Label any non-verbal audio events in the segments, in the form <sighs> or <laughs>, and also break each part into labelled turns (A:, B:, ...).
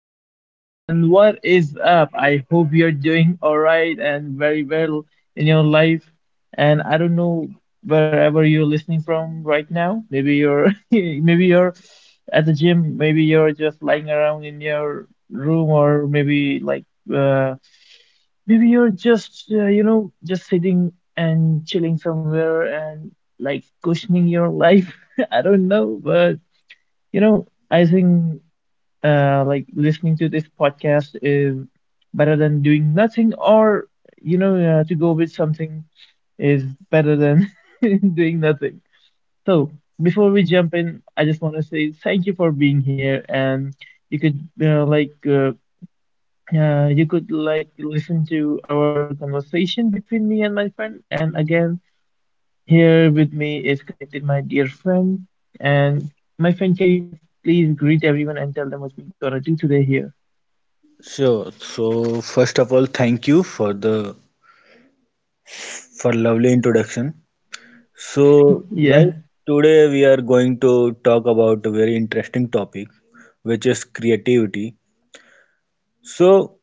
A: everyone, and what is up? I hope you're doing all right and very well in your life. And I don't know wherever you're listening from right now. Maybe you're <laughs> maybe you're at the gym, maybe you're just lying around in your room, or maybe like uh, maybe you're just you know just sitting and chilling somewhere and like cushioning your life. <laughs> I don't know, but I think. Like listening to this podcast is better than doing nothing, or to go with something is better than <laughs> doing nothing. So before we jump in, I just want to say thank you for being here, and you could you could like listen to our conversation between me and my friend. And again, here with me is connected my dear friend, and my friend, can you just please greet everyone and tell them what we're gonna do today here?
B: Sure. So first of all, thank you for lovely introduction. So
A: Yeah.
B: guys, today we are going to talk about a very interesting topic, which is creativity. So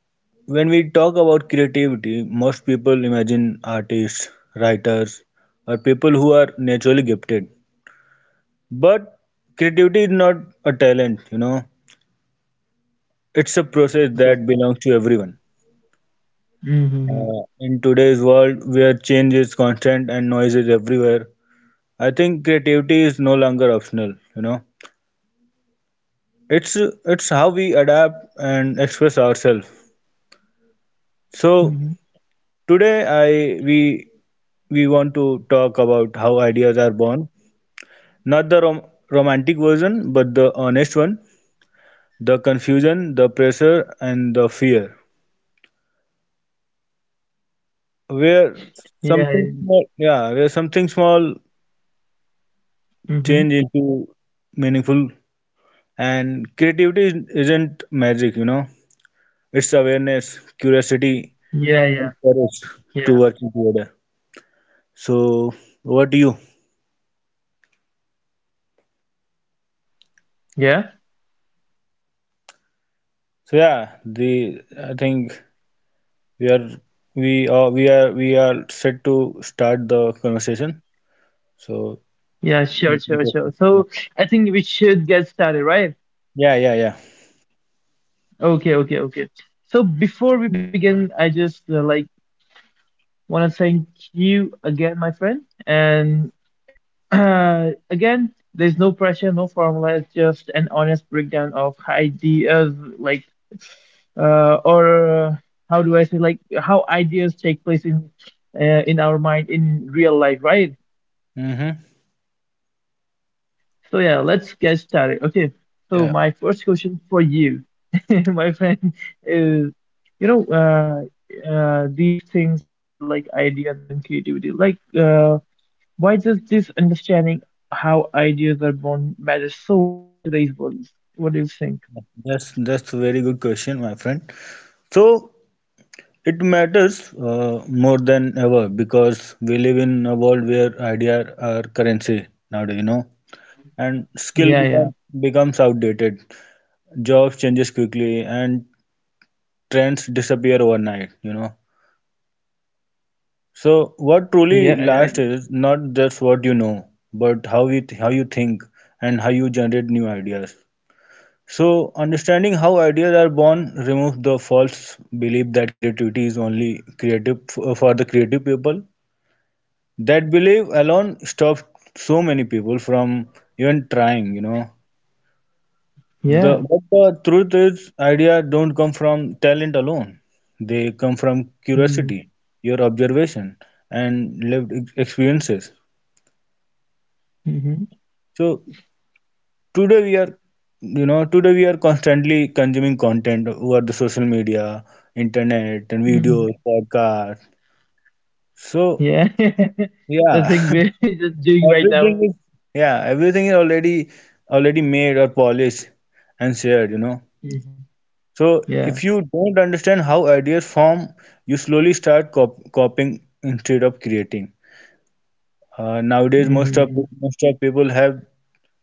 B: when we talk about creativity, most people imagine artists, writers, or people who are naturally gifted. But creativity is not a talent. It's a
A: Yeah, of
B: process
A: course. Of
B: that
A: course.
B: belongs to everyone.
A: Mm-hmm.
B: In today's world, where change is constant and noise is everywhere, I think creativity is no longer optional. It's it's how we adapt and express ourselves. So
A: Mm-hmm. Mm-hmm.
B: today, I we want to talk about how ideas are born, not the romantic version, but the honest one, the confusion, the pressure, and the fear. Where
A: Yeah.
B: where something small
A: Mm-hmm.
B: change into meaningful. And creativity isn't magic. It's awareness, curiosity,
A: Yeah, yeah,
B: and courage to
A: yeah,
B: working together. So, what do you?
A: yeah,
B: So yeah, the I think we are we are set to start the conversation. So
A: yeah. Sure,
B: you can
A: sure, sure.
B: proceed.
A: So I think we should get started, right?
B: Yeah, yeah, yeah.
A: Okay, okay, okay. So before we begin, I just want to thank you again, my friend. And <clears throat> again, there's no pressure, no formula. It's just an honest breakdown of ideas, like or how do I say like how ideas take place in our mind in real life, right?
B: Mm-hmm.
A: So yeah, let's get started. Okay,
B: Yeah,
A: so my first question for you, <laughs> my friend, is these things that, like ideas and creativity, like why does this understanding how ideas are born matter so much in today's world? What do you think?
B: that's a very good question, my friend. So it matters more than ever because we live in a world where ideas are currency nowadays, and skill
A: Yeah,
B: become,
A: yeah,
B: becomes outdated. Jobs changes quickly and trends disappear overnight. So what
A: yeah,
B: truly
A: yeah,
B: lasts is not just what you know, but how you think and how you generate new ideas. So understanding how ideas are born removes the false belief that creativity is only for the creative people. That belief alone stops so many people from even trying. The
A: yeah.
B: but the truth is idea don't come from talent alone. They come from curiosity, your observation, and lived experiences. So today we are today we are constantly consuming content over the social media, internet, and videos,
A: Mm-hmm.
B: podcasts. So
A: Yeah, <laughs>
B: yeah.
A: the
B: <laughs>
A: thing we're <laughs> just doing right
B: Everything
A: now.
B: is yeah, Everything is already made or polished and shared.
A: Mhm.
B: So if
A: Yeah.
B: you don't understand how ideas form, you slowly start copying instead of creating. Nowadays, most of
A: Hmm.
B: most of people have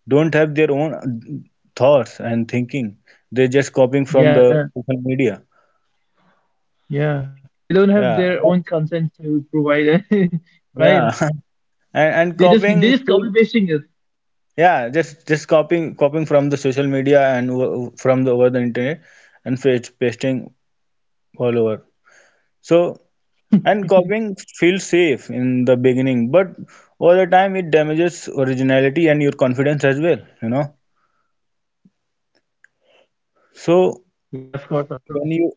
B: don't have their own thoughts and thinking. They're just copying from
A: Yeah.
B: the social media.
A: Yeah. They don't have
B: Yeah,
A: their own content to provide, <laughs> right?
B: yeah. <laughs> And
A: They just they
B: copying
A: just copy
B: feel
A: pasting it.
B: yeah just copying copying from the social media, from the over the internet, and pasting all over. So, and copying feels safe in the beginning, but over the time it damages originality and your confidence as well, so
A: Yeah, of course, of course.
B: when you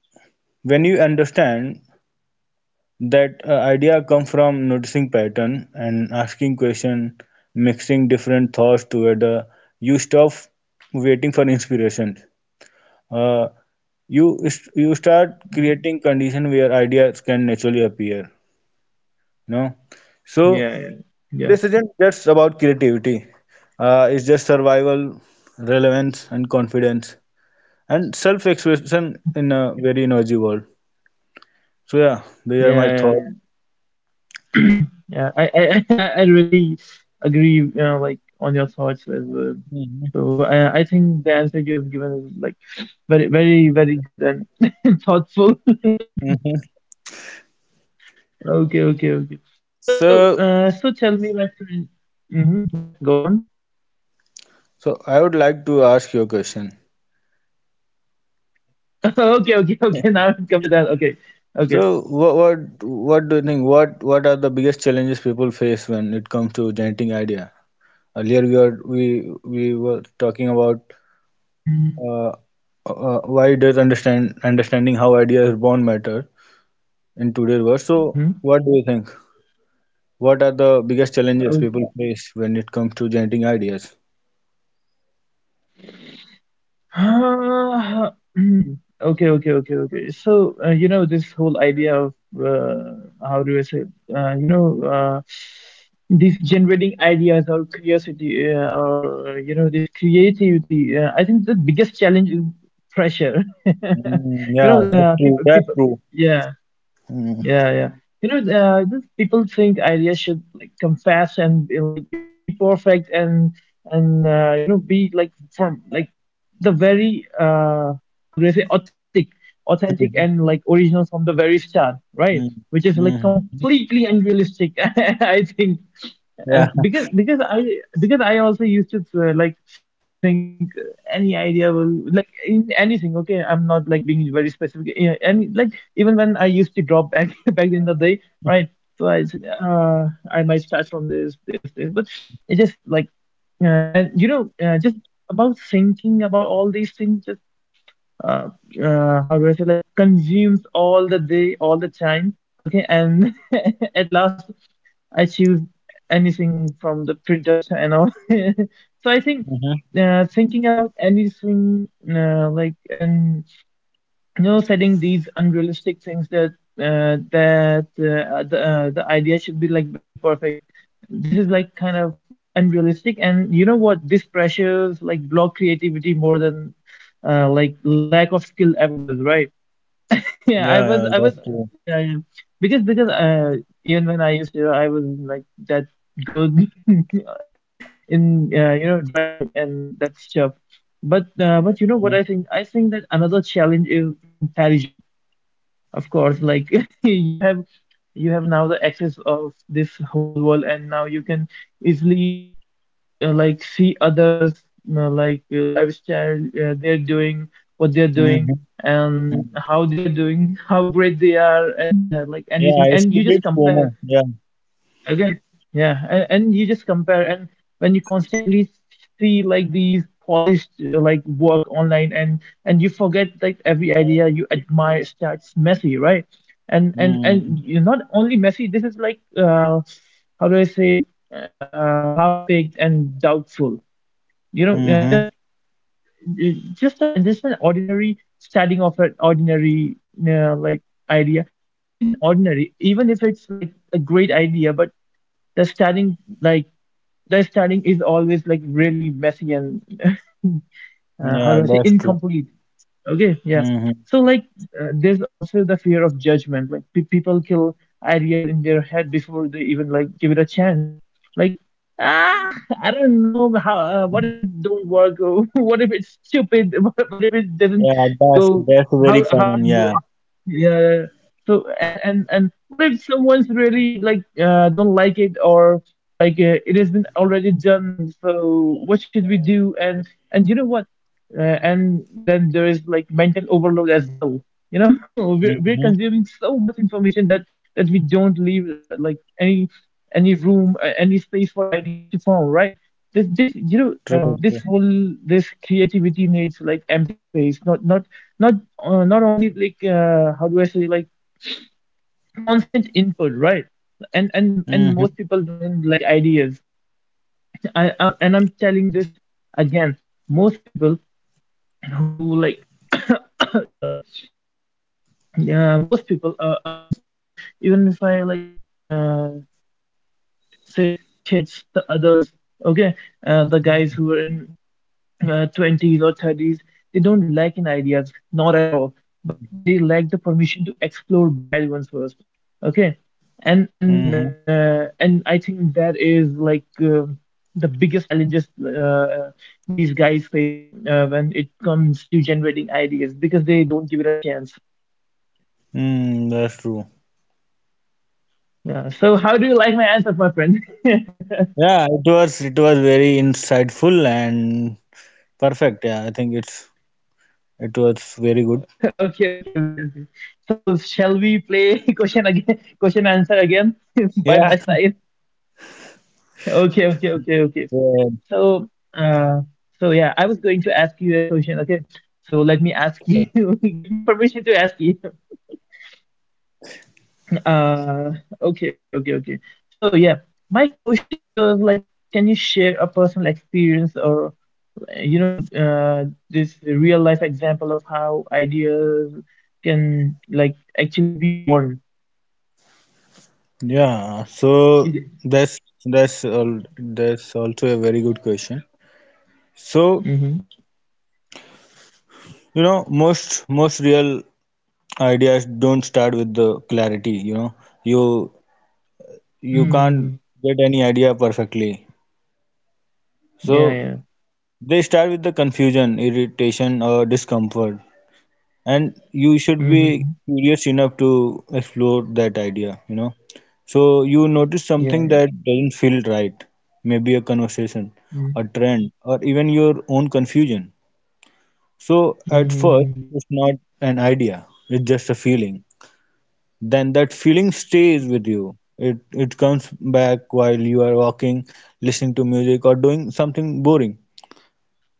B: when you understand that idea come from noticing pattern and asking question, mixing different thoughts together, you stop waiting for inspiration. Uh, you start creating condition where ideas can naturally appear. You know, so
A: Yeah, yeah, yeah,
B: this isn't just about creativity. It's just survival, relevance, and confidence, and self-expression in a very noisy world. So yeah, these are my
A: yeah, yeah.
B: thoughts.
A: Yeah, <clears throat> Yeah, <laughs> I really agree. You know, like on your thoughts as well.
B: Mhm,
A: So I think the answer you have given is like very, very, very good and <laughs> thoughtful.
B: mhm.
A: Okay, okay, okay. So,
B: So
A: so tell me, my friend. Hmm. Yeah, go on.
B: so I would like to ask you a question.
A: <laughs> Okay, okay, okay. Now it comes to that.
B: <laughs>
A: Okay, okay.
B: So what what what do you think? What are the biggest challenges people face when it comes to generating idea? Earlier we were talking about uh, why does understanding how ideas are born matter in today's world.
A: Mm-hmm.
B: So what do you think? What are the biggest challenges
A: Okay.
B: people face when it comes to generating ideas?
A: <sighs> Uh, hmm. Okay, okay, okay, okay. So, you know, this whole idea of how do I say, uh, you know, uh, these generating ideas or curiosity you know, this creativity, I think the biggest challenge is pressure. <laughs>
B: Mm,
A: You
B: yeah,
A: know,
B: that's true. That's
A: people,
B: true.
A: yeah.
B: Mm,
A: Yeah, yeah. You know, just people think ideas should like come fast and be, like be perfect and and you know be like from like the very how do I say authentic
B: mhm,
A: and like original from the very start, right?
B: mm,
A: Which is
B: mhm.
A: like completely unrealistic, <laughs> I think
B: Yeah,
A: and because I also used to think any idea will like in anything okay I'm not like being very specific yeah, and like even when I used to drop back <laughs> back in the day right so I think, I might start from this but it just like and you know just about thinking about all these things just uh, how do I say, like consumes all the day, all the time. Okay, and <laughs> at last I choose anything from the print duster and all. <laughs> So I
B: mhm.
A: think thinking about anything and you know setting these unrealistic things that the idea should be like very perfect this is like kind of unrealistic and you know what this pressures like block creativity more than like lack of skill ever does right <laughs>
B: Yeah,
A: yeah
B: yeah,
A: i
B: that's
A: was I
B: true.
A: was yeah, yeah. Because even when I used to I was like that good <laughs> in you know drawing and that stuff but you
B: Yeah,
A: know what I think that another challenge is comparison of course, like <laughs> you have you have now the access of this whole world, and now you can easily like see others lifestyle they're doing, what they're
B: mhm,
A: doing, and
B: mm.
A: how they are doing, <laughs> how great they are at like
B: Yeah,
A: anything,
B: it's
A: and you just
B: creates
A: compare.
B: FOMO. Yeah.
A: Again, yeah, and you just compare, and when you constantly see like these polished like work online, and you forget like every idea you admire starts messy, right? And
B: Mm,
A: you're not only messy. This is like how do I say, half-baked and doubtful. You know,
B: mhm.
A: just just an ordinary starting of an ordinary uh, like idea. Not even ordinary, even if it's like a great idea, but the starting like the starting is always like really messy and <laughs>
B: Yeah,
A: how do I say
B: that's true.
A: incomplete. Okay, yeah.
B: Mhm.
A: So like there's also the fear of judgment. Like people kill ideas in their head before they even like give it a chance. Like ah, I don't know how. What if it don't work? Or <laughs> what if it's stupid? <laughs> What if it
B: Yeah,
A: doesn't
B: that's
A: go?
B: that's very
A: How how
B: common.
A: it
B: Yeah.
A: wo- yeah. Yeah, yeah. So and what if someone's really like don't like it or like it has been already done. So what should we do? And you know what? And then there is like mental overload as well you know <laughs> we're
B: Mm-hmm.
A: consuming so much information that we don't leave any room any space for ideas to form right this this you know
B: True. True.
A: this whole this creativity needs like empty space not not only like how do I say like constant input right and
B: Mm-hmm.
A: most people don't like ideas I'm telling this again most people who like <coughs> sorry Yeah, most people are of even even if I like uh, say the kids, the adults, okay, the guys who are in 20s or 30s, they don't lack in ideas, not at all, but they lack the permission to explore bad ones first, okay, and
B: Mm-hmm.
A: I think that is like the biggest challenges uh, these guys faces when it comes to generating ideas because they don't give it a chance.
B: Mm, that's true.
A: Yeah. So how do you like my answers, my friend? <laughs>
B: Yeah, it was very insightful and perfect. Yeah, I think it was very good.
A: Okay, okay, okay, okay. So shall we play <laughs> question again, question answer again <laughs> by my
B: Yeah.
A: side?
B: <laughs>
A: Okay, okay, okay,
B: Yeah.
A: okay. So, so yeah, I was going to ask you a question. Okay, so let me ask you. <laughs> Give me permission to ask you. <laughs> Uh, okay, okay, okay, okay. So yeah, my question was like, can you share a personal experience or this real life example of how ideas can like actually be born
B: Yeah, so that's that's all. That's also a very good question. So
A: mm-hmm.
B: most real ideas don't start with the clarity. You you can't
A: Mm-hmm.
B: get any idea perfectly.
A: Yeah,
B: So
A: yeah,
B: they start with the confusion, irritation, or discomfort, and you should be
A: mm-hmm.
B: curious enough to explore that idea. So you notice something
A: Yeah,
B: that doesn't feel right, maybe a conversation,
A: yeah.
B: a trend, or even your own confusion. So at first,
A: Mm-hmm.
B: it's not an idea, it's just a feeling. Then that feeling stays with you. It comes back while you are walking, listening to music, or doing something boring.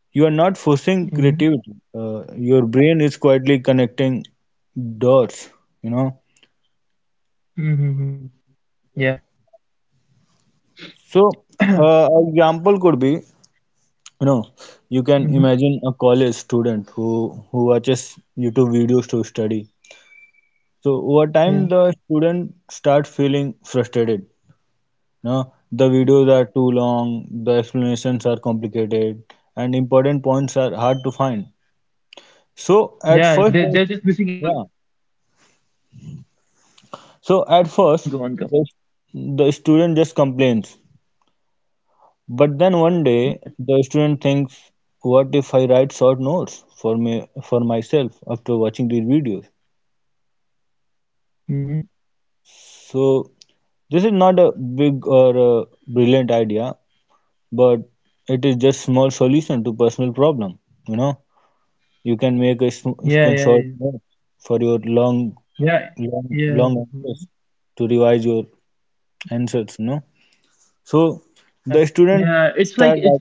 B: You are not forcing
A: Mm-hmm.
B: creativity. Your brain is quietly connecting dots, you know.
A: Mm-hmm. Yeah.
B: So,
A: <coughs> <clears throat>
B: example could be, you know, you can
A: Mm-hmm.
B: imagine a college student who watches YouTube videos to study. So over time,
A: Yeah,
B: the student start feeling frustrated. No, the videos are too long, the explanations are complicated, and important points are hard to find. So at first, they-
A: they're just missing out
B: yeah,
A: mm-hmm.
B: So at
A: Go
B: first,
A: on, go on, go on.
B: the, the student just complains. But then one day,
A: Yeah,
B: the student thinks, what if I write short notes for myself after watching these videos?
A: mm-hmm.
B: So this is not a big or a brilliant idea, but it is just small solution to personal problem. You know, you can make a sm- you
A: Yeah,
B: can
A: yeah,
B: short
A: yeah,
B: note for your long,
A: yeah,
B: long, long
A: yeah,
B: answers
A: mhm.
B: to revise your answers. So
A: Yeah,
B: the student
A: yeah
B: start
A: it's like
B: writing,
A: it's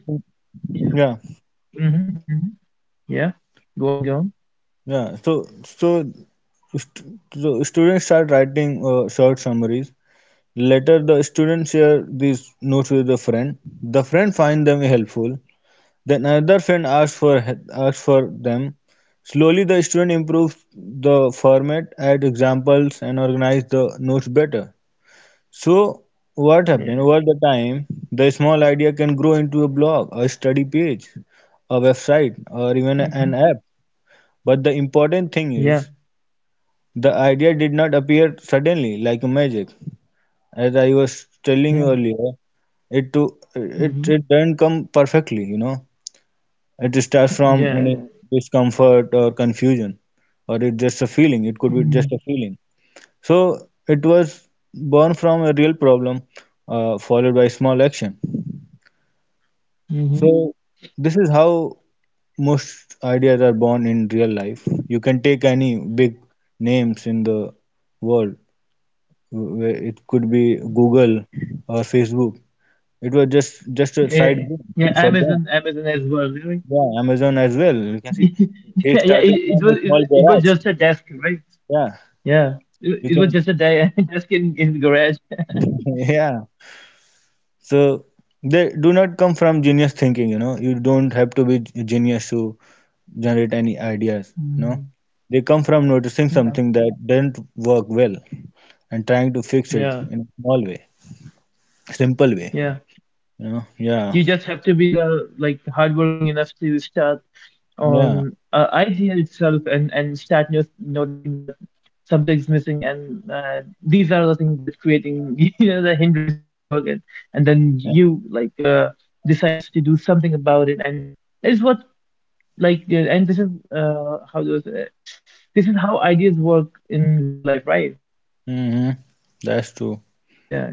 B: yeah
A: mm-hmm. Mm-hmm. Yeah, go on, go on,
B: yeah so so so students start writing short summaries. Later the students share these notes with a friend. The friend finds them helpful. Then another friend asks for them. Slowly the student improves the format, add examples, and organize the notes better. So what happened
A: yeah,
B: over the time, the small idea can grow into a blog, a study page, a website, or even
A: mm-hmm.
B: an app. But the important thing
A: Yeah.
B: is, the idea did not appear suddenly like magic. As I was telling
A: Yeah.
B: you earlier, it to it
A: Hmm.
B: it doesn't come perfectly. It starts from any
A: Yeah.
B: discomfort or confusion, or it's just a feeling. It could be just a
A: Mm-hmm.
B: feeling. So it was born from a real problem, followed by small action.
A: Yeah. Mhm.
B: So this is how most ideas are born in real life. You can take any big names in the world. Where it could be Google or Facebook. It was just a
A: Yeah.
B: side
A: Yeah,
B: gig for them.
A: Amazon. Amazon as well, right?
B: Yeah, Amazon as well. You can see
A: <laughs>
B: they
A: Yeah.
B: started
A: It
B: from a
A: was.
B: small
A: It was
B: garage.
A: just a desk, right?
B: Yeah,
A: Yeah.
B: you
A: It was
B: can.
A: just a de <laughs> desk in the garage.
B: <laughs> Yeah, so they do not come from genius thinking, you know. You don't have to be genius to generate any ideas.
A: Mm.
B: They come from noticing
A: Yeah.
B: something that didn't work well and trying to fix it
A: Yeah.
B: in a small way, simple way,
A: Yeah.
B: you know. Yeah,
A: You just have to be the like hardworking enough to start
B: yeah,
A: on idea itself and start no noticing that something's missing and these are the things that's creating <laughs> you know the hindrance in the work and
B: yeah.
A: then you like decides to do something about it and it's what like and this is how those this is how ideas work in real life right
B: hmm That's true.
A: yeah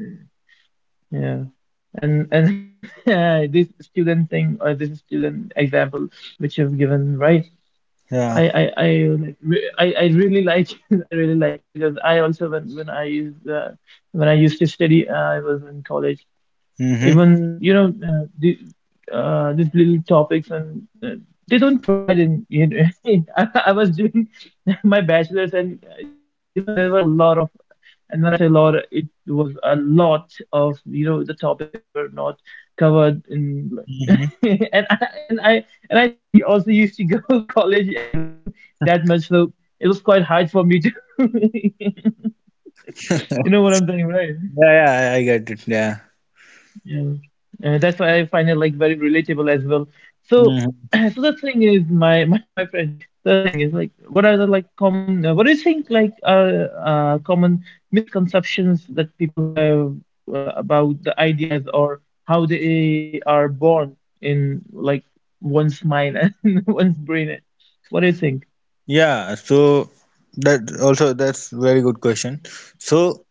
A: Yeah, and <laughs> yeah, this student thing or this student example which you've given, right?
B: Yeah.
A: I I I I really like <laughs> it. I really like it because I also when I used when I used to study, I was in college
B: Mm-hmm.
A: even you know these little topics and they don't provide in. <laughs> I was doing <laughs> my bachelor's and you know there were a lot of. And when I say lot, it was a lot of, you know, the topics that were not covered in. <laughs>
B: Mm-hmm.
A: And I and I didn't also used to go <laughs> college as well <laughs> that much, so it was quite hard for me to. <laughs> you
B: <laughs>
A: know what I'm saying, right?
B: Yeah, yeah, I get it. Yeah.
A: Yeah, that's why I find it like very relatable as well. So,
B: Hmm.
A: <clears throat> so the thing is, my <laughs> my friend, the thing is like, what are the like common? What do you think like are common misconceptions that people have about the ideas or how they are born in like one's mind <laughs> and one's brain? What do you think?
B: Yeah, so that's very good question. So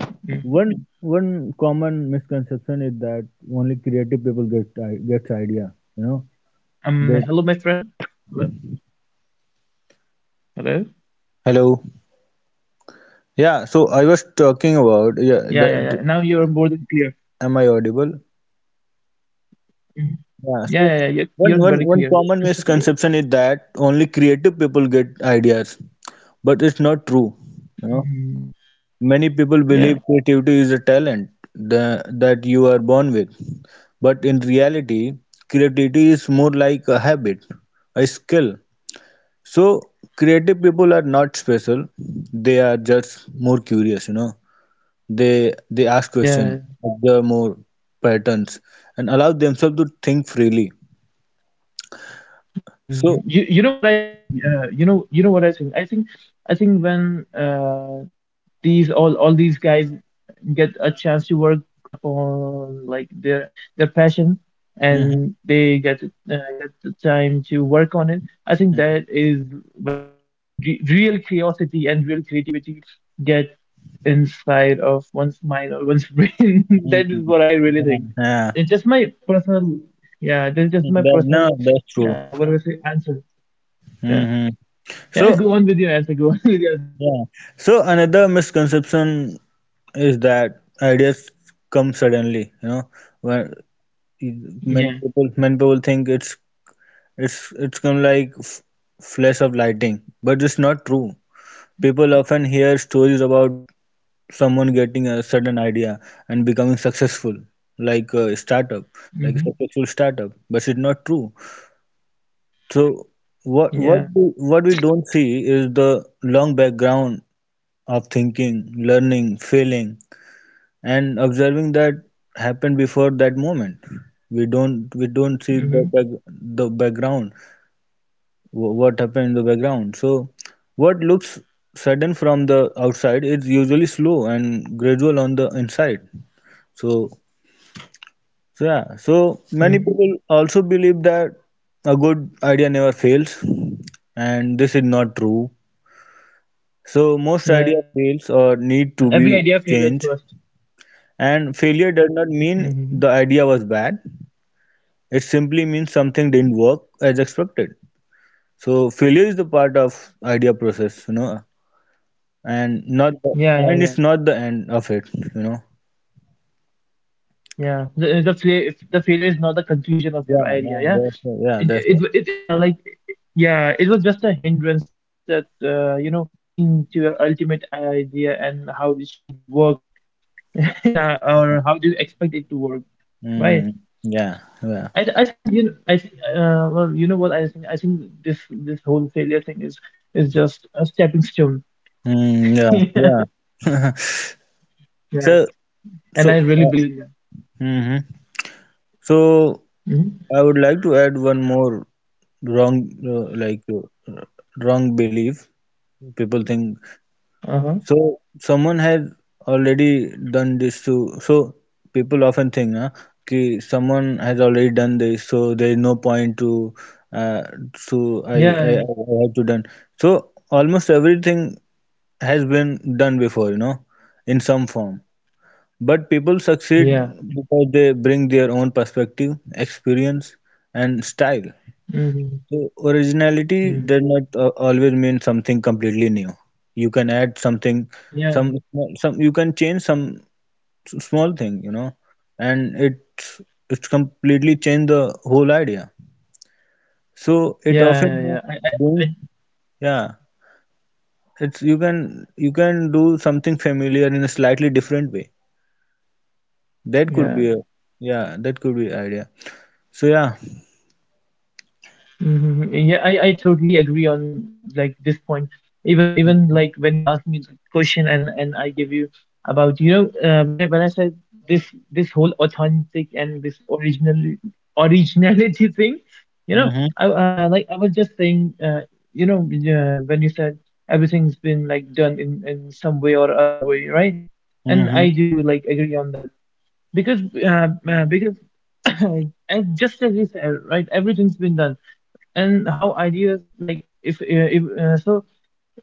A: Mm.
B: One one common misconception is that only creative people gets idea. You know, they
A: Hello, my friend. Hello. Hello.
B: Hello.
A: Yeah,
B: Yeah,
A: yeah, yeah.
B: so I
A: Now
B: was
A: you're more
B: talking
A: than clear.
B: about yeah, the, am I audible?
A: Mhm. Yeah, yeah, yeah. You're
B: Yeah, so
A: very clear.
B: one
A: Crystal
B: one
A: clear.
B: one common misconception is that only creative people get ideas, but it's not true. You know,
A: Mhm.
B: many people believe
A: Yeah,
B: creativity is a talent that you are born with, but in reality, creativity is more like a habit, a skill. So creative people are not special. They are just more curious. They ask
A: yeah.
B: questions, observe more patterns, and allow themselves to think freely.
A: Hmm.
B: So.
A: You know what I think? You know what I think? I think I think when these all these guys get a chance to work upon like their passion, and
B: Mhm,
A: they get the time to work on it. I think that
B: mhm,
A: is when re real curiosity and real creativity get inside of one's mind or one's <laughs> brain. That is what
B: mhm.
A: I really think.
B: Yeah,
A: It's just my personal, yeah, that's just my
B: yeah. That-
A: personal,
B: no, that's true.
A: what do I say, answer. Yeah.
B: hmm
A: Yeah, go
B: So
A: on with your answer. Go on <laughs> with your answer.
B: yeah. So another misconception is that ideas come suddenly. When
A: Yeah.
B: many people think it's come like flash of lighting, but it's not true. People often hear stories about someone getting a sudden idea and becoming successful, like a startup, like a
A: Mm-hmm.
B: successful startup, but it's not true. So what what
A: Yeah.
B: we, what we don't see is the long background of thinking, learning, failing, and observing that happened before that moment. We don't see
A: Mm-hmm.
B: the back, the background wh- what happened in the background. So, what looks sudden from the outside is usually slow and gradual on the inside. So, so, yeah. So many people
A: Mm-hmm.
B: also believe that a good idea never fails, and this is not true. So most idea
A: Yeah. Every
B: fails
A: idea failed
B: or
A: at
B: need
A: 1st.
B: to be changed, and failure does not
A: Mm-hmm.
B: mean the idea was bad. It simply means something didn't work as expected. So failure is the part of idea process. and not
A: Yeah,
B: the,
A: yeah, yeah.
B: and it's not the end of it.
A: Yeah. The failure is not the conclusion of your
B: Yeah,
A: idea.
B: yeah,
A: Yeah.
B: that's it. Yeah, that's
A: it,
B: it.
A: it, it like yeah, it was just a hindrance that you know, reaching to your ultimate idea and how it should work. <laughs> yeah, or how do you expect it to work, right?
B: Mm, yeah, yeah.
A: I think, you know, I think well, you know what I think? I think this this whole failure thing is just a stepping stone. <laughs>
B: Yeah
A: yeah,
B: yeah <laughs> so
A: and I really
B: so
A: believe in
B: uh,
A: that.
B: hmm so
A: Hmm.
B: i would like to add one more wrong wrong belief people think.
A: Uh-huh.
B: So someone has already done this to so people often think na कि someone has already done this so there is no point to uh, so I,
A: Yeah.
B: I I I have to done. So almost everything has been done before, you know, in some form, but people succeed
A: Yeah.
B: because they bring their own perspective, experience, and style.
A: Hmm.
B: So originality
A: Hmm.
B: does not always mean something completely new. You can add something,
A: Yeah.
B: some you can change some small thing, you know, and it's completely change the whole idea. So it
A: Yeah. Yeah.
B: often
A: yeah
B: means
A: I
B: doing. Yeah. It's you can do something familiar in a slightly different way. That could
A: Yeah.
B: be a yeah. That could be idea. So yeah.
A: Mhm. Yeah, I totally agree on like this point. Even like when you ask me the question and I give you about, you know, when I said this this whole authentic and this original originality <laughs> thing, you know,
B: Mhm.
A: I like I was just saying you know when you said everything's been like done in some way or other way, right? And I
B: Mhm.
A: do like agree on that because <coughs> as just as you said, right, everything's been done. And how ideas, like if,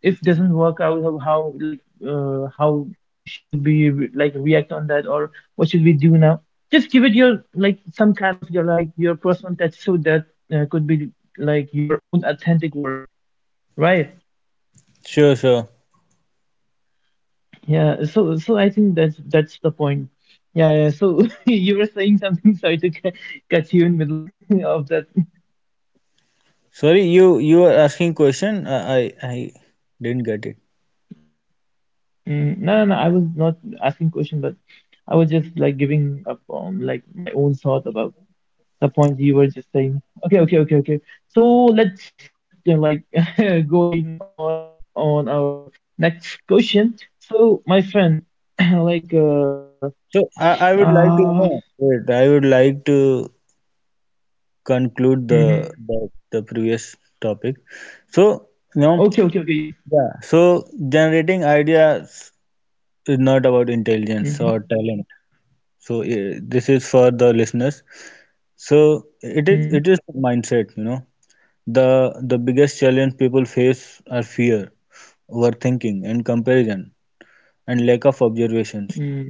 A: if doesn't work out, how like how should we react on that, or what should we do now? Just give it your like some kind of your, like your personal touch, so that could be like your own authentic work, right?
B: Sure. Sure.
A: Yeah, so so I think that's the point. Yeah, yeah. So <laughs> you were saying something, <laughs> sorry to ca- catch you in middle <laughs> of that.
B: Sorry, you were asking question. I didn't get it.
A: Mm, no, no, no, I was not asking question, but I was just like giving up on like my own thought about the point you were just saying. Okay, okay, okay, okay. So let's just you like <laughs> going on our next question. So my friend, <clears throat> like
B: So I would like to
A: uh
B: no, wait, I would like to conclude the
A: mm-hmm.
B: the, the previous topic. So you know,
A: Okay, okay, okay, yeah.
B: yeah. So generating ideas is not about intelligence or
A: Mm-hmm,
B: talent. So this is for the listeners. So it is
A: mm-hmm,
B: it is mindset. You know, the the biggest challenge people face are fear, overthinking, and comparison, and lack of observations.
A: mm.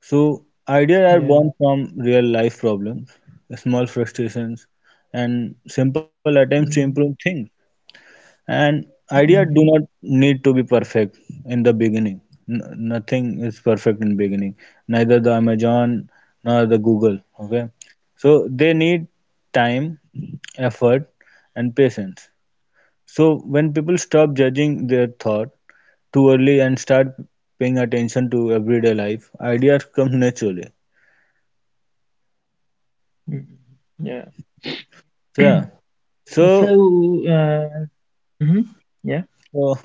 B: So ideas are
A: Yeah.
B: born from real life problems, small frustrations, and simple attempts to improve
A: Mm-hmm.
B: things. And ideas do
A: Mm-hmm.
B: not need to be perfect in the beginning. Nothing is perfect in beginning. Neither the Amazon nor the Google. Okay, so they need time, effort, and patience. So when people stop judging their thought too early and start paying attention to everyday life, ideas come naturally.
A: Yeah.
B: So yeah.
A: So,
B: So,
A: mm-hmm. Yeah.
B: uh,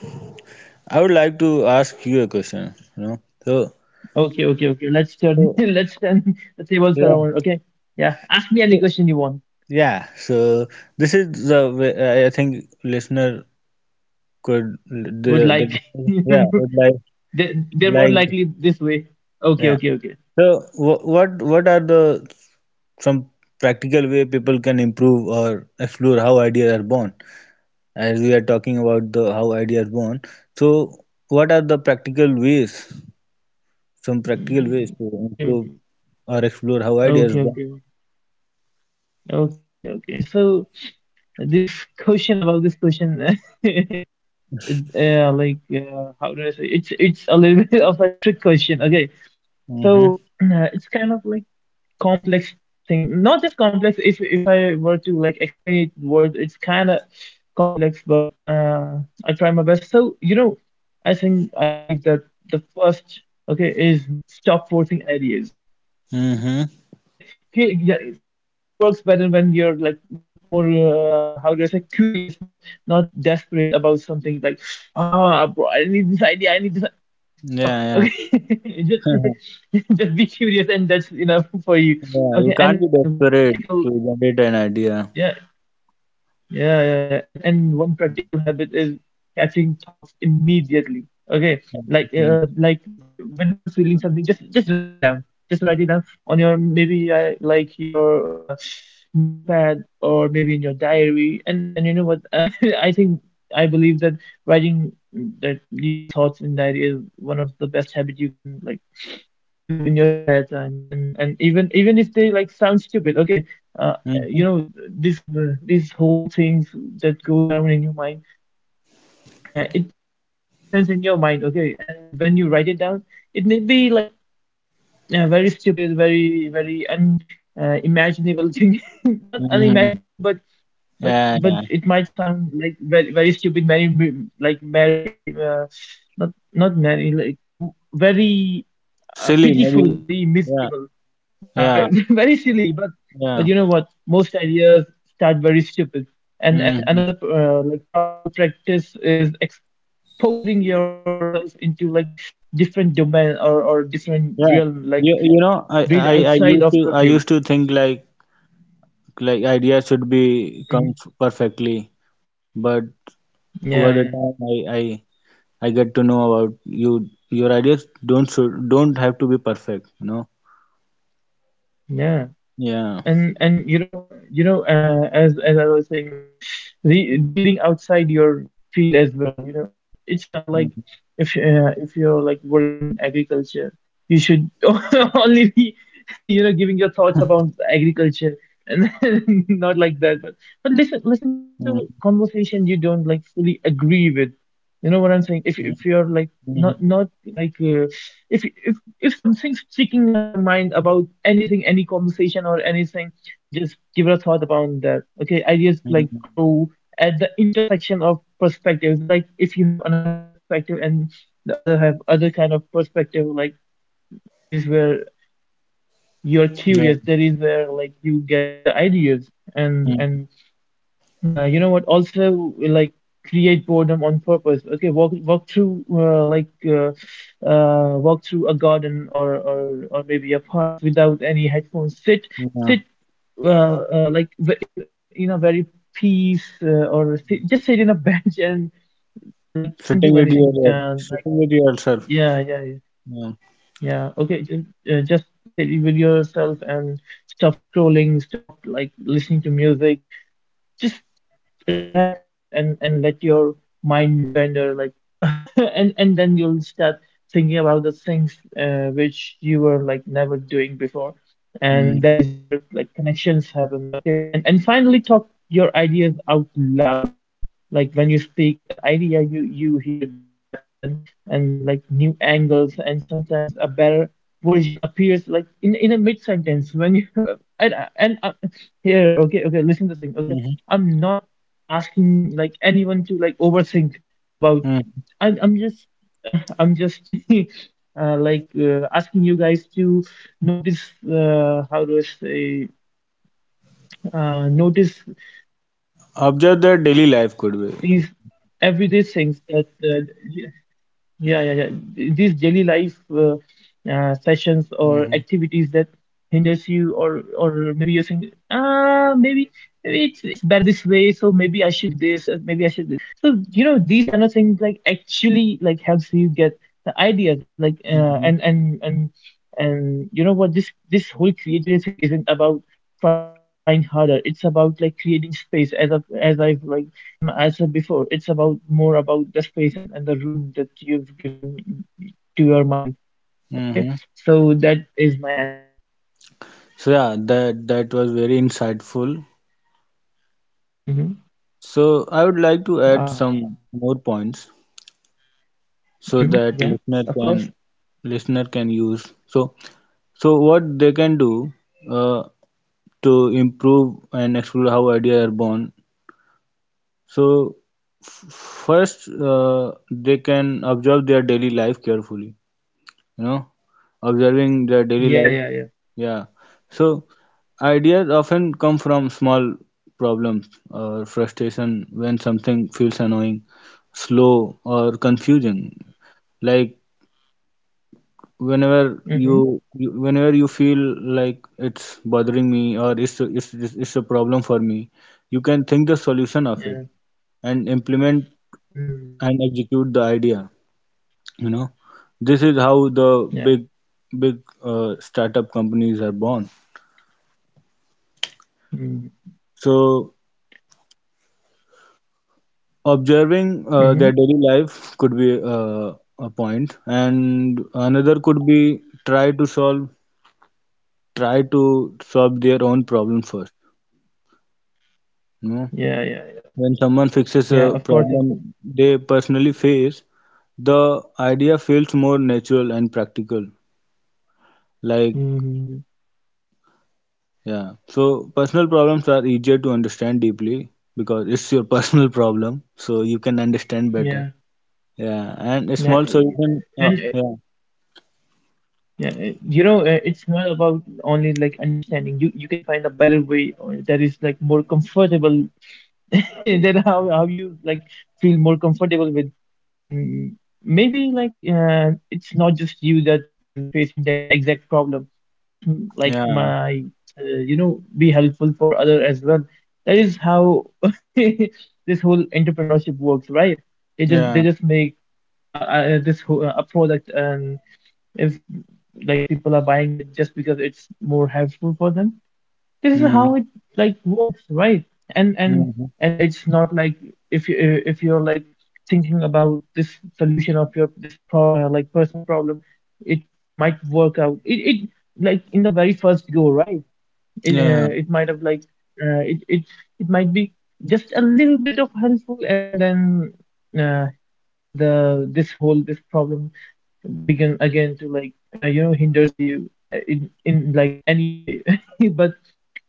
B: I would like to ask you a question. You know, so,
A: Okay, okay, okay. Let's turn, <laughs>
B: so
A: let's turn the tables
B: yeah,
A: around. Okay. Yeah. Ask me any
B: so-
A: question you want.
B: yeah. So this is the way I think listener could the
A: Would
B: the
A: like. <laughs>
B: yeah would
A: They're
B: like
A: more likely this way. Okay,
B: yeah.
A: okay, okay.
B: So what are the some practical way people can improve or explore how ideas are born? As we are talking about the how ideas born, so what are the practical ways? Some practical ways
A: Mm,
B: to
A: okay,
B: improve
A: okay.
B: or explore how ideas
A: Okay,
B: born?
A: okay. Okay, okay, okay. So, this question about this question, <laughs> like, how do I say? It's a little <laughs> bit of a trick question. Okay.
B: Mm-hmm.
A: So it's kind of like complex thing. Not just complex. If I were to like explain it word, it's kind of complex, but I try my best. So you know, I think I believe that the first okay is stop forcing ideas.
B: Mm-hmm.
A: <laughs> Okay, cre yeah, creativity works better when you're like more how do I say, curious, not not desperate about something, like ah bro, I need this idea, I need this.
B: Yeah,
A: Stop.
B: yeah.
A: Okay, <laughs> just
B: <laughs>
A: <laughs> just be curious, and that's enough <laughs> for you.
B: Yeah, you
A: Okay,
B: can't be
A: and one
B: desperate
A: practical
B: to generate an idea.
A: yeah, yeah, yeah, yeah. And one practical habit is catching thoughts immediately. Okay,
B: Mm-hmm.
A: like when you're feeling something, just write it down. Just write it down on your, maybe like your notepad, or maybe in your diary. And you know what? <laughs> I think I believe that writing that your thoughts in diary is one of the best habit you can like do in your spare time. And even if they like sound stupid, okay, uh, you
B: Mm-hmm.
A: know, this these whole things that goes around in your mind, yeah, it just makes sense in your mind, okay? And when you write it down, it may be like very stupid, very very un imaginable thing, <laughs> not
B: Mm-hmm.
A: unimaginable but
B: Yeah,
A: but
B: yeah.
A: it might sound like very very stupid, very very not not many like very
B: Silly,
A: pitiful,
B: maybe.
A: very
B: Yeah,
A: miserable. Yeah,
B: yeah,
A: very, <laughs> very silly. But
B: yeah.
A: you know what? Most ideas start very stupid. And
B: Mm-hmm.
A: another like powerful practice is exposing yourself into like different domain, or different
B: Yeah.
A: realm. Like
B: You
A: read
B: know, I, I,
A: outside of
B: I
A: your
B: used
A: field.
B: to think like ideas should be
A: Mhm.
B: come perfectly, but over
A: Yeah,
B: the
A: yeah,
B: time, I I get to know about you your ideas don't should don't have to be perfect, you know.
A: yeah.
B: Yeah.
A: And you know, you know as I was saying, like re reading outside your field as well, you know, it's not like
B: Mm-hmm.
A: if you're like working in agriculture, you should <laughs> only be you know giving your thoughts about agriculture and <laughs> not like that. But listen
B: Mm-hmm.
A: listen to conversation you don't like fully agree with. You know what I'm saying? If you're like
B: Mhm,
A: not not like if if something's sticking on your mind about anything, any conversation or anything, just give it a thought about that. Okay, ideas like
B: mhm.
A: grow at the intersection of perspectives. Like if you have another perspective and the other have other kind of perspective, like that is where you're
B: Yeah.
A: curious. That is where like you get the ideas. and
B: Mm,
A: and you know what? Also, like create boredom on purpose. Okay, walk through walk through a garden, or maybe a park without any headphones. Sit sit
B: yeah.
A: uh, like in a very peace or sit, just sit in a <laughs> bench and like don't do
B: Sitting with
A: anything.
B: your
A: Like
B: Sitting with yourself.
A: yeah yeah yeah
B: Yeah.
A: yeah. Okay, just sit with yourself and stop scrolling. Stop like listening to music. Just relax there, and let your mind wander like. <laughs> And then you'll start thinking about the things which you were like never doing before. And that
B: Mm.
A: is where like connections happen, okay? And finally, talk your ideas out loud. Like when you speak an idea, you hear gaps and like new angles, and sometimes a better version appears like in a mid sentence when you. <laughs> And here, okay, okay, listen to this thing, okay?
B: Mm-hmm.
A: I'm not asking like anyone to like overthink about.
B: Mm.
A: I'm just <laughs> I'm just <laughs> like asking you guys to notice, how do I say, notice these
B: Observe their
A: everyday
B: daily
A: things
B: life
A: that
B: could be.
A: yeah, yeah, yeah. These daily life sessions or activities that
B: Mm-hmm.
A: hinders you, or maybe you're saying, ah, maybe it's better this way, so maybe I should do this, maybe I should do. So you know these kind of things like actually like helps you get the ideas, like
B: Mm-hmm.
A: and you know what, this whole creativity thing isn't about trying harder. It's about like creating space, as of as I've like given, as I said before, it's about more about the space and the room that you've given to your mind, okay?
B: Mm-hmm.
A: So that is my answer.
B: So yeah, that that was very insightful.
A: Mm-hmm.
B: So I would like to add
A: uh,
B: some more points
A: hmm.
B: so that
A: Yeah, of course.
B: listener can use. So so what they can do uh, to improve and explore how ideas are born. So first, they can observe their daily life carefully, you know, observing their daily
A: Yeah,
B: life.
A: yeah, yeah.
B: Yeah. So, ideas often come from small problems or frustration when something feels annoying, slow, or confusing. Like whenever you,
A: Mm-hmm.
B: you whenever you feel like it's bothering me, or it's it's a problem for me, you can think the solution of it
A: Yeah.
B: and implement
A: Mm.
B: and execute the idea, you know. This is how the
A: Yeah.
B: big big startup companies are born.
A: Mm-hmm.
B: So observing
A: Mm-hmm.
B: their daily life could be a point, and another could be try to solve their own problem first, you know.
A: Yeah, yeah, yeah.
B: When someone fixes a
A: Yeah, of course, of
B: problem
A: course.
B: they personally face, the idea feels more natural and practical, like
A: Mm-hmm.
B: yeah. So personal problems are easier to understand deeply because it's your <laughs> personal problem, so you can understand better.
A: Yeah,
B: Yeah. And a
A: yeah.
B: small solution.
A: And
B: Yeah.
A: yeah, it's not about only like understanding. You can find a better way or that is like more comfortable. <laughs> Then how you like feel more comfortable with. And maybe like, it's not just you that is facing that exact problem. Like
B: Yeah.
A: my be helpful for other as well. That is how <laughs> this whole entrepreneurship works, right? they just
B: Yeah.
A: they just make this whole, a product. And if like people are buying it just because it's more helpful for them, this is
B: Hmm.
A: how it like works, right? and and
B: Hmm.
A: and it's not like, if you if you're like thinking about this solution of your this like personal problem. It might work out, it like in the very first go, right? it,
B: Yeah.
A: uh, it might have like, uh, it, it it might be just a little bit of helpful. And then uh, the this whole this problem begin again to like, hinders you, in like any way. <laughs> but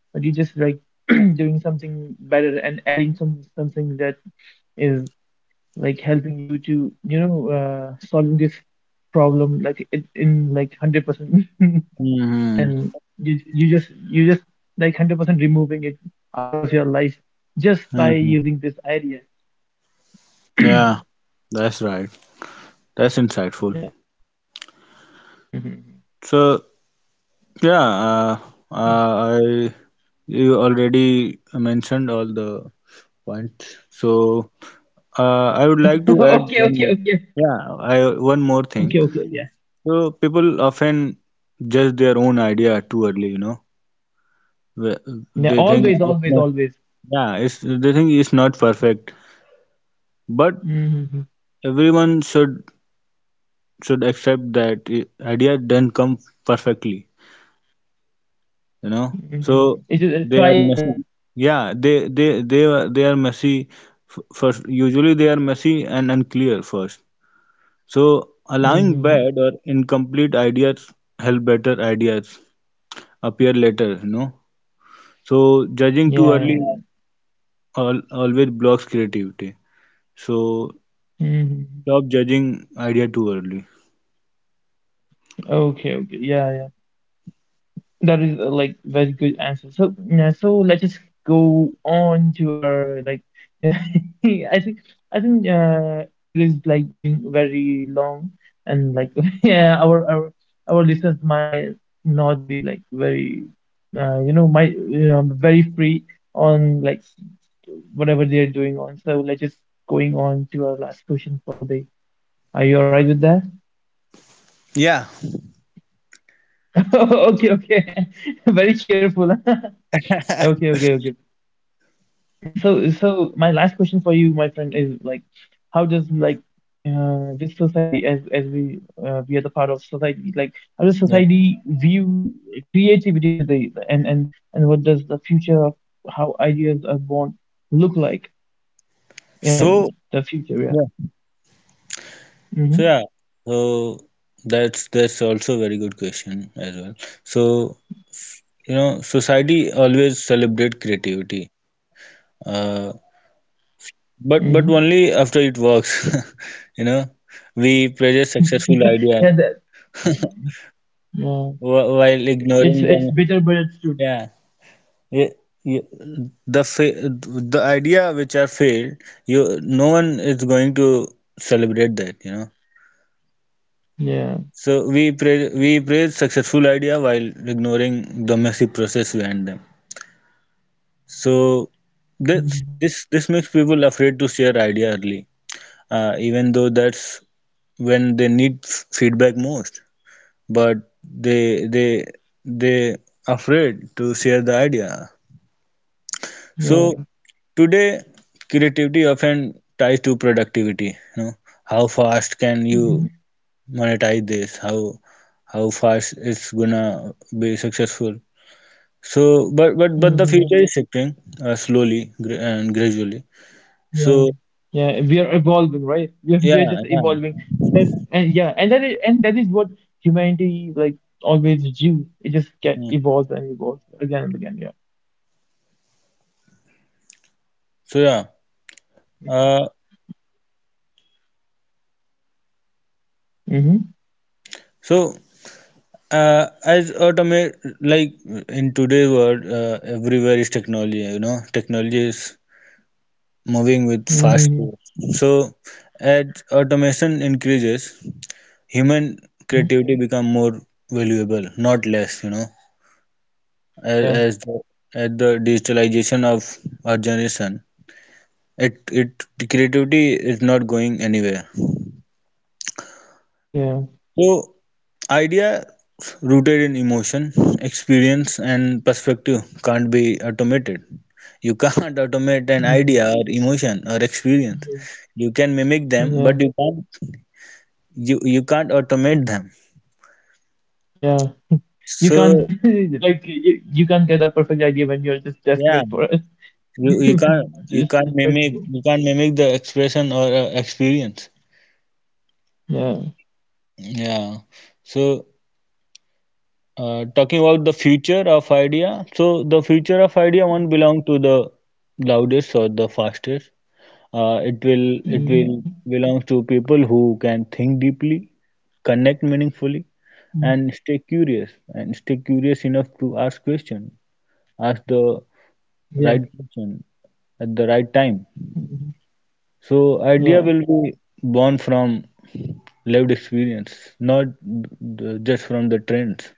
A: but you just like <clears throat> doing something better and adding something that is like helping you to, solving this problem like it, in like 100%. <laughs>
B: Hmm.
A: And you just like 100% removing it out of your life just by
B: Hmm.
A: using this idea.
B: Yeah. That's right. That's insightful.
A: Yeah. Hmm.
B: So yeah. I you already mentioned all the points. So I would
A: <laughs>
B: like to add
A: Okay,
B: one
A: okay,
B: more.
A: okay.
B: Yeah. I one more thing.
A: Okay, okay, yeah.
B: So people often judge their own idea too early, you know. Wh-
A: Yeah.
B: They think
A: Always,
B: it's
A: always,
B: not,
A: always.
B: yeah, it's they think it's not perfect, but
A: Mm-hmm.
B: everyone should accept that idea didn't come perfectly, you know.
A: Mm-hmm.
B: So
A: It's just try
B: they
A: and,
B: are messy. Yeah, they they are messy. First, usually they are messy and unclear first. So allowing
A: mm-hmm.
B: bad or incomplete ideas help better ideas appear later, you know. So judging too
A: Yeah.
B: early
A: Yeah,
B: always blocks creativity. So
A: yeah. Mhm.
B: stop judging idea too early.
A: Okay, okay. Yeah. Yeah, that is like very good answer. So yeah, so let's just go on to our like, <laughs> yeah, I think, it is like going very long and like, <laughs> yeah, our listeners might not be like very, might, very free on like whatever they're doing on. So let's just going on to our last question for the day. Are you all right with that?
B: Yeah.
A: <laughs> Okay, okay. <laughs> Very cheerful. <laughs> Okay, okay, okay. So, my last question for you, my friend, is like, how does like, this society, as we are the part of society, like how does
B: Yeah.
A: society view creativity today, and what does the future of how ideas are born look like? Yeah,
B: So
A: the future. Yeah.
B: yeah.
A: Mm-hmm.
B: So yeah, so that's also a very good question as well. So you know, society always celebrate creativity, uh, but only after it works. <laughs> You know, we praise
A: Mm-hmm.
B: successful
A: <laughs> Yeah.
B: ideas
A: That, yeah.
B: while
A: It's
B: ignoring
A: it's
B: them.
A: bitter, but it's true.
B: Yeah, yeah, yeah, the fa- the idea which are failed, you no one is going to celebrate that, you know.
A: Yeah.
B: So we praise successful idea while ignoring the messy process behind them. So this
A: Mm-hmm.
B: this this makes people afraid to share idea early, even though that's when they need feedback most. But they they afraid to share the idea. So
A: Yeah.
B: today, creativity often ties to productivity. You know, how fast can you
A: Mm-hmm.
B: monetize this? How fast it's gonna be successful? So, but but the
A: Mm-hmm.
B: future is shifting slowly gra- and gradually.
A: Yeah,
B: So
A: yeah, we are evolving, right? We are, we
B: yeah,
A: are just
B: yeah.
A: evolving. That, and yeah, and that is what humanity like always do. It just get
B: Mm.
A: evolves and evolves again and again. Yeah.
B: So yeah. Uh,
A: Mm-hmm.
B: so as automate like in today's world, everywhere is technology. You know, technology is moving with fast
A: Mm-hmm.
B: pace. So as automation increases, human
A: Mm-hmm.
B: creativity become more valuable, not less. You know, as
A: Yeah.
B: as the, as the digitalization of our generation, it creativity is not going anywhere.
A: Yeah.
B: So idea rooted in emotion, experience, and perspective can't be automated. You can't <laughs> automate an idea
A: Mhm.
B: or emotion or experience. You can mimic them, but
A: Yeah.
B: you can't you can't automate them.
A: Yeah. You can't
B: So
A: just <laughs> like, you can't get a perfect idea when you're just
B: yeah,
A: desperate for it.
B: you,
A: <laughs>
B: you can't
A: Just desperate.
B: you can't mimic the expression or experience,
A: Yeah.
B: yeah. So talking about the future of idea, so the future of idea won't belong to the loudest or the fastest. It
A: Mm-hmm.
B: will belong to people who can think deeply, connect meaningfully,
A: Mm-hmm.
B: and stay curious, enough to ask question, ask the
A: Yeah.
B: right person at the right time.
A: Mhm.
B: So
A: Yeah.
B: idea will be born from lived experience, not the, just from the trends.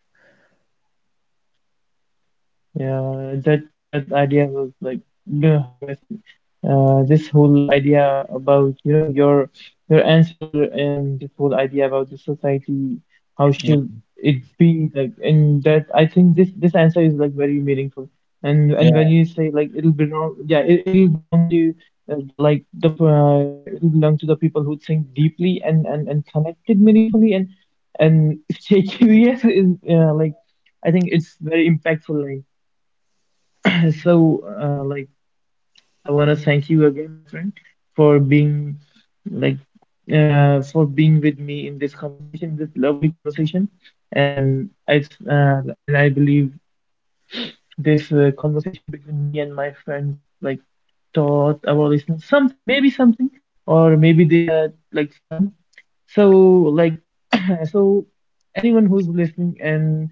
A: Yeah, that idea was like, you know, how do I say, this whole idea about, you know, your answer, and this whole idea about the society, how should
B: Yeah,
A: it be like, and that I think this answer is like very meaningful. And when
B: yeah,
A: you say like it'll belong, yeah, it'll belong to, the like, the it'll belong to the people who think deeply and connected meaningfully and <laughs> stay curious is, like. I think it's very impactful line. So, like, I want to thank you again, my friend, for being like, for being with me in this conversation, this lovely conversation. And I believe this conversation between me and my friends like taught our listeners something, maybe something, or maybe they had like fun. So, like, <clears throat> so anyone who's listening, and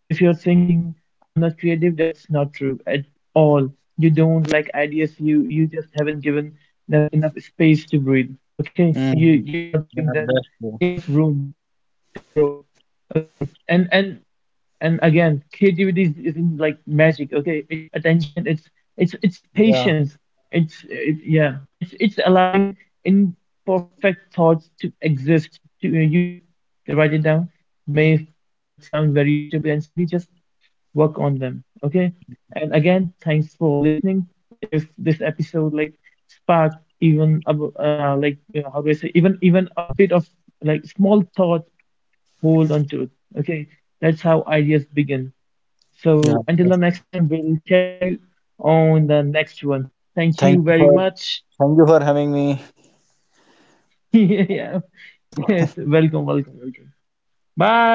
A: if you're thinking, I'm not creative, that's not true at all. You don't like ideas, you just haven't given them enough space to breathe. Okay, you
B: mm,
A: you're not giving
B: yeah,
A: them
B: that's true.
A: enough room to grow. Okay, and again, creativity isn't like magic, okay? It's attention, it's
B: Yeah,
A: patience, it's, yeah, it's allowing imperfect thoughts to exist, to you, just write it down. May like sound very stupid and silly, just work on them, okay? And again, thanks for listening. If this episode like sparked even like, how do I say, even a bit of like small thought, hold on to it. Okay, that's how ideas begin. So
B: yeah.
A: until the
B: That's...
A: next time, we'll catch you on the next one. Thank
B: Thank
A: you
B: you
A: very
B: for
A: much.
B: thank you for having me.
A: <laughs> Yeah, welcome, welcome, welcome. Bye.